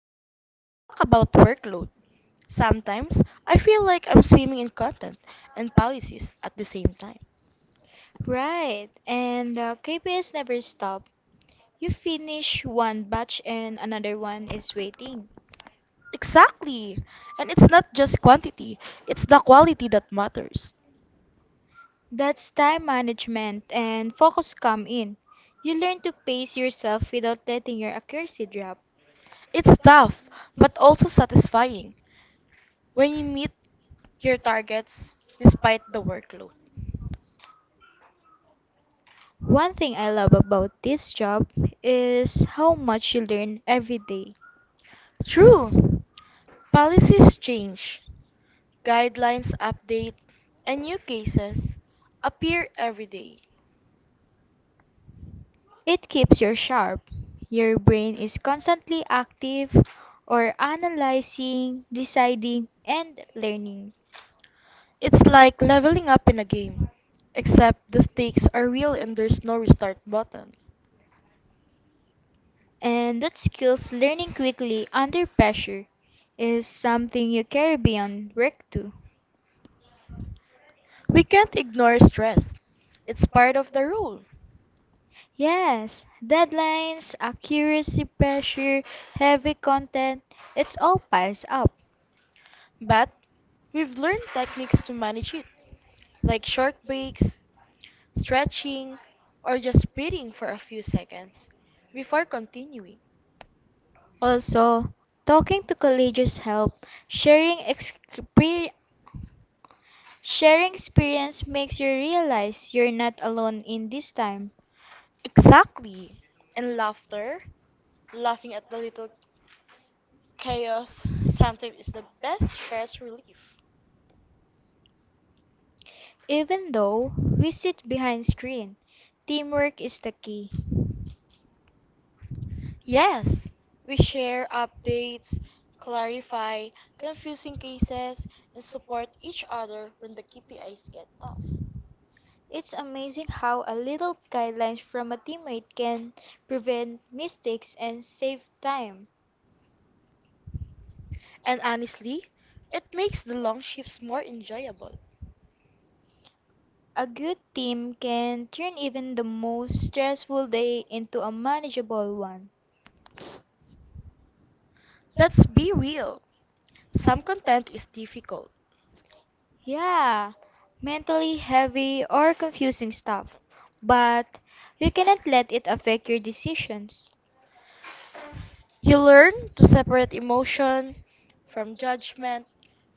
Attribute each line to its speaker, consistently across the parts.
Speaker 1: next, let's talk about workload. Sometimes I feel like I'm swimming in content and policies at the same time.
Speaker 2: Right, and the KPS never stop. You finish one batch and another one is waiting.
Speaker 1: Exactly! And it's not just quantity, it's the quality that matters.
Speaker 2: That's time management and focus come in. You learn to pace yourself without letting your accuracy drop.
Speaker 1: It's tough, but also satisfying when you meet your targets despite the workload.
Speaker 2: One thing I love about this job is how much you learn every day.
Speaker 1: True, policies change, guidelines update, and new cases appear every day.
Speaker 2: It keeps you sharp. Your brain is constantly active or analyzing, deciding, and learning.
Speaker 1: It's like leveling up in a game, except the stakes are real and there's no restart button.
Speaker 2: And that skills learning quickly under pressure is something you carry beyond work too.
Speaker 1: We can't ignore stress, it's part of the role.
Speaker 2: Yes, deadlines, accuracy pressure, heavy content, it's all piles up.
Speaker 1: But we've learned techniques to manage it, like short breaks, stretching, or just breathing for a few seconds before continuing.
Speaker 2: Also, talking to colleagues help. Sharing experience makes you realize you're not alone in this time.
Speaker 1: Exactly. And laughter, laughing at the little chaos, sometimes is the best stress relief.
Speaker 2: Even though we sit behind screen, teamwork is the key.
Speaker 1: Yes, we share updates, clarify confusing cases, and support each other when the KPIs get tough.
Speaker 2: It's amazing how a little guideline from a teammate can prevent mistakes and save time.
Speaker 1: And honestly, it makes the long shifts more enjoyable.
Speaker 2: A good team can turn even the most stressful day into a manageable one.
Speaker 1: Let's be real. Some content is difficult.
Speaker 2: Yeah, mentally heavy or confusing stuff, but you cannot let it affect your decisions.
Speaker 1: You learn to separate emotion from judgment,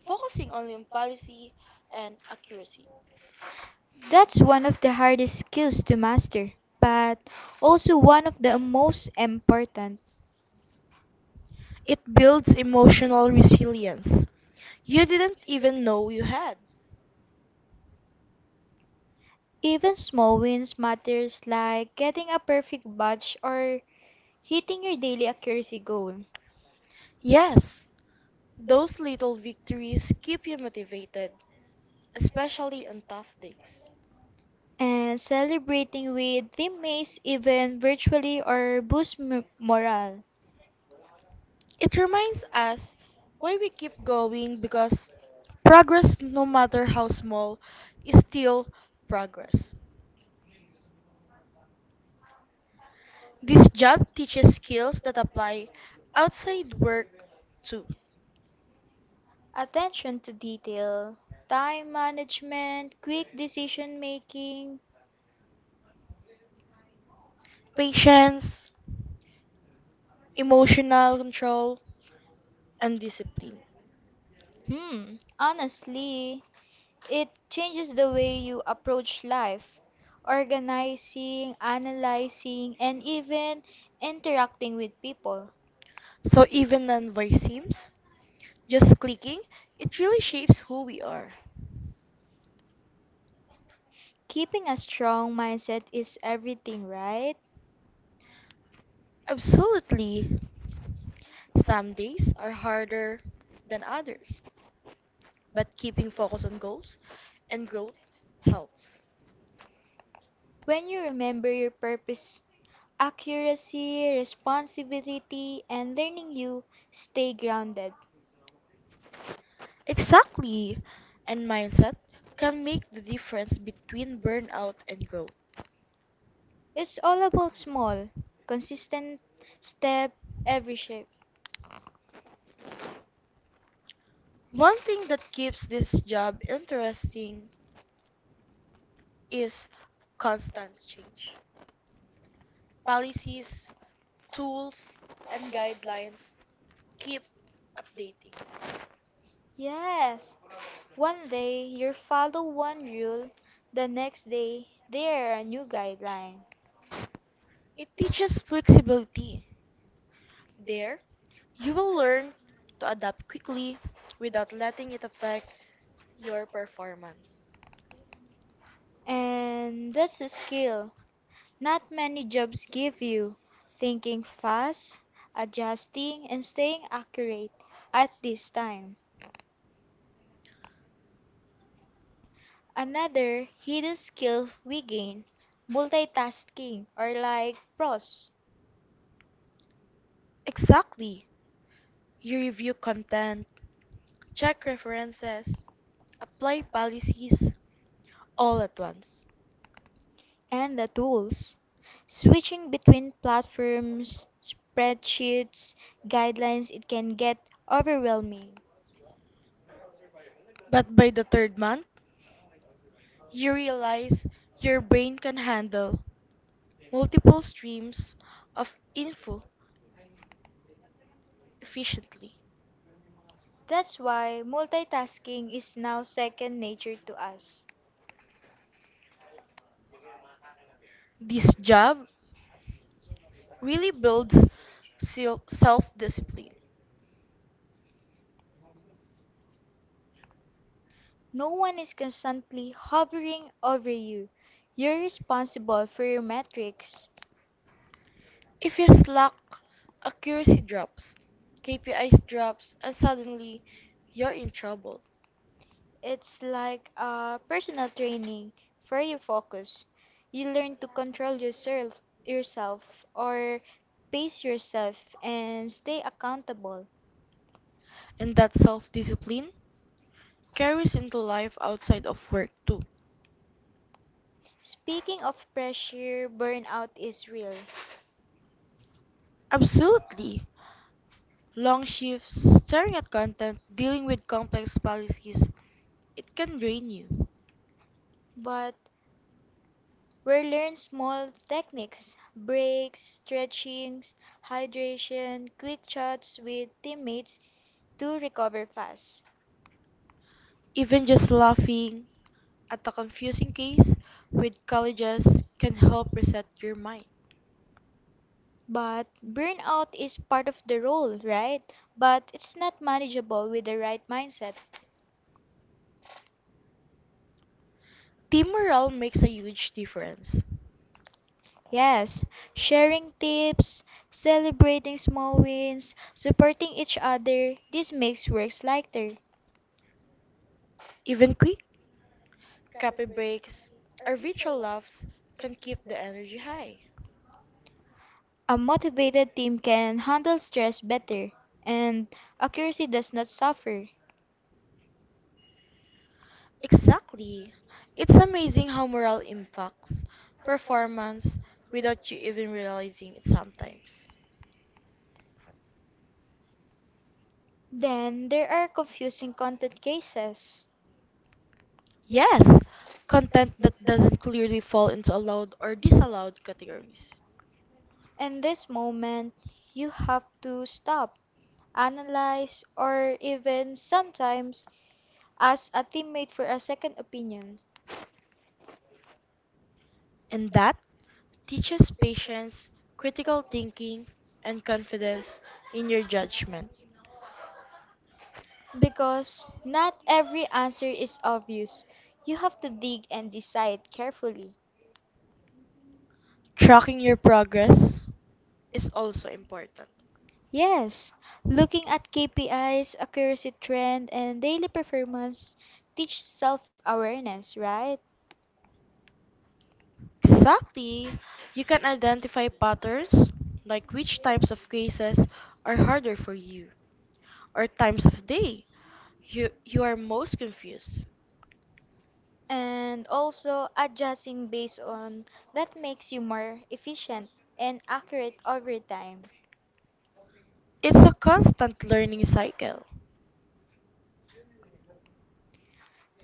Speaker 1: focusing only on policy and accuracy.
Speaker 2: That's one of the hardest skills to master, but also one of the most important.
Speaker 1: It builds emotional resilience you didn't even know you had.
Speaker 2: Even small wins matters like getting a perfect batch or hitting your daily accuracy goal
Speaker 1: Yes, those little victories keep you motivated, especially on tough days.
Speaker 2: and celebrating with teammates even virtually or boost morale.
Speaker 1: It reminds us why we keep going, because progress, no matter how small, is still progress. This job teaches skills that apply outside work too:
Speaker 2: Attention to detail, time management, quick decision making.
Speaker 1: patience, emotional control, and discipline.
Speaker 2: Honestly, it changes the way you approach life, organizing, analyzing, and even interacting with people.
Speaker 1: So even non-voice seems just clicking, it really shapes who we are.
Speaker 2: Keeping a strong mindset is everything, right?
Speaker 1: Absolutely, some days are harder than others, but keeping focus on goals and growth helps.
Speaker 2: When you remember your purpose, accuracy, responsibility, and learning, you stay grounded.
Speaker 1: Exactly. And mindset can make the difference between burnout and growth.
Speaker 2: It's all about small, consistent step every shape.
Speaker 1: One thing that keeps this job interesting is constant change. Policies, tools, and guidelines keep updating.
Speaker 2: Yes, one day you follow one rule, the next day there are new guidelines.
Speaker 1: It teaches flexibility. There, you will learn to adapt quickly without letting it affect your performance.
Speaker 2: And that's a skill. Not many jobs give you thinking fast, adjusting, and staying accurate at this time. Another hidden skill we gain multitasking or like pros
Speaker 1: Exactly. You review content, check references, apply policies all at once.
Speaker 2: and the tools. Switching between platforms, spreadsheets, guidelines, it can get overwhelming.
Speaker 1: But by the third month, you realize your brain can handle multiple streams of info efficiently.
Speaker 2: That's why multitasking is now second nature to us.
Speaker 1: This job really builds self discipline.
Speaker 2: No one is constantly hovering over you. You're responsible for your metrics.
Speaker 1: If you slack, accuracy drops, KPIs drops, and suddenly you're in trouble.
Speaker 2: It's like a personal training for your focus. You learn to control yourself or pace yourself and stay accountable.
Speaker 1: And that self discipline carries into life outside of work too.
Speaker 2: Speaking of pressure, burnout is real,
Speaker 1: Absolutely. Long shifts, staring at content, dealing with complex policies, it can drain you.
Speaker 2: but we learn small techniques, breaks, stretchings, hydration, quick chats with teammates to recover fast.
Speaker 1: Even just laughing at a confusing case with colleges can help reset your mind.
Speaker 2: But burnout is part of the role, right? But it's not manageable with the right mindset.
Speaker 1: Team morale makes a huge difference.
Speaker 2: Yes, sharing tips, celebrating small wins, supporting each other, this makes works lighter.
Speaker 1: Even quick coffee breaks or virtual laughs can keep the energy high.
Speaker 2: A motivated team can handle stress better, and accuracy does not suffer.
Speaker 1: Exactly. It's amazing how morale impacts performance without you even realizing it sometimes.
Speaker 2: Then there are confusing content cases.
Speaker 1: Yes, content that doesn't clearly fall into allowed or disallowed categories.
Speaker 2: In this moment, you have to stop, analyze, or even sometimes ask a teammate for a second opinion.
Speaker 1: And that teaches patience, critical thinking, and confidence in your judgment.
Speaker 2: Because not every answer is obvious. You have to dig and decide carefully.
Speaker 1: Tracking your progress is also important.
Speaker 2: Yes, looking at KPIs, accuracy trend, and daily performance teach self awareness, right?
Speaker 1: Exactly. You can identify patterns, like which types of cases are harder for you, or times of day you are most confused.
Speaker 2: And also adjusting based on that makes you more efficient and accurate over time.
Speaker 1: It's a constant learning cycle.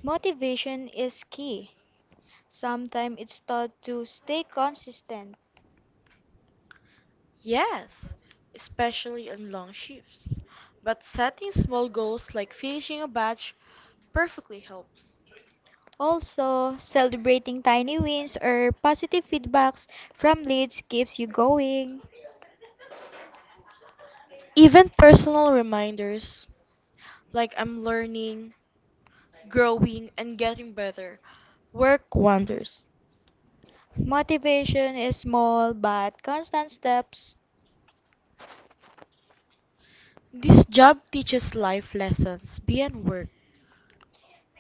Speaker 2: Motivation is key. Sometimes it's taught to stay consistent.
Speaker 1: Yes, especially on long shifts. But setting small goals like finishing a batch perfectly helps.
Speaker 2: Also, celebrating tiny wins or positive feedbacks from leads keeps you going.
Speaker 1: Even personal reminders like I'm learning, growing, and getting better work wonders.
Speaker 2: Motivation is small but constant steps,
Speaker 1: This job teaches life lessons beyond work.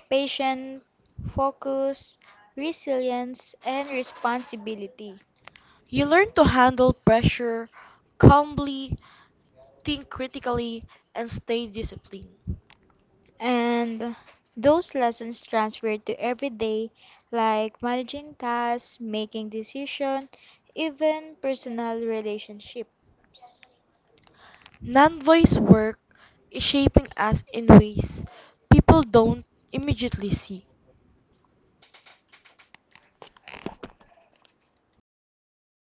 Speaker 2: patient, focus, resilience, and responsibility.
Speaker 1: You learn to handle pressure calmly, think critically, and stay disciplined.
Speaker 2: And those lessons transfer to everyday, like managing tasks, making decisions, even personal relationships.
Speaker 1: Non voice work is shaping us in ways people don't immediately see.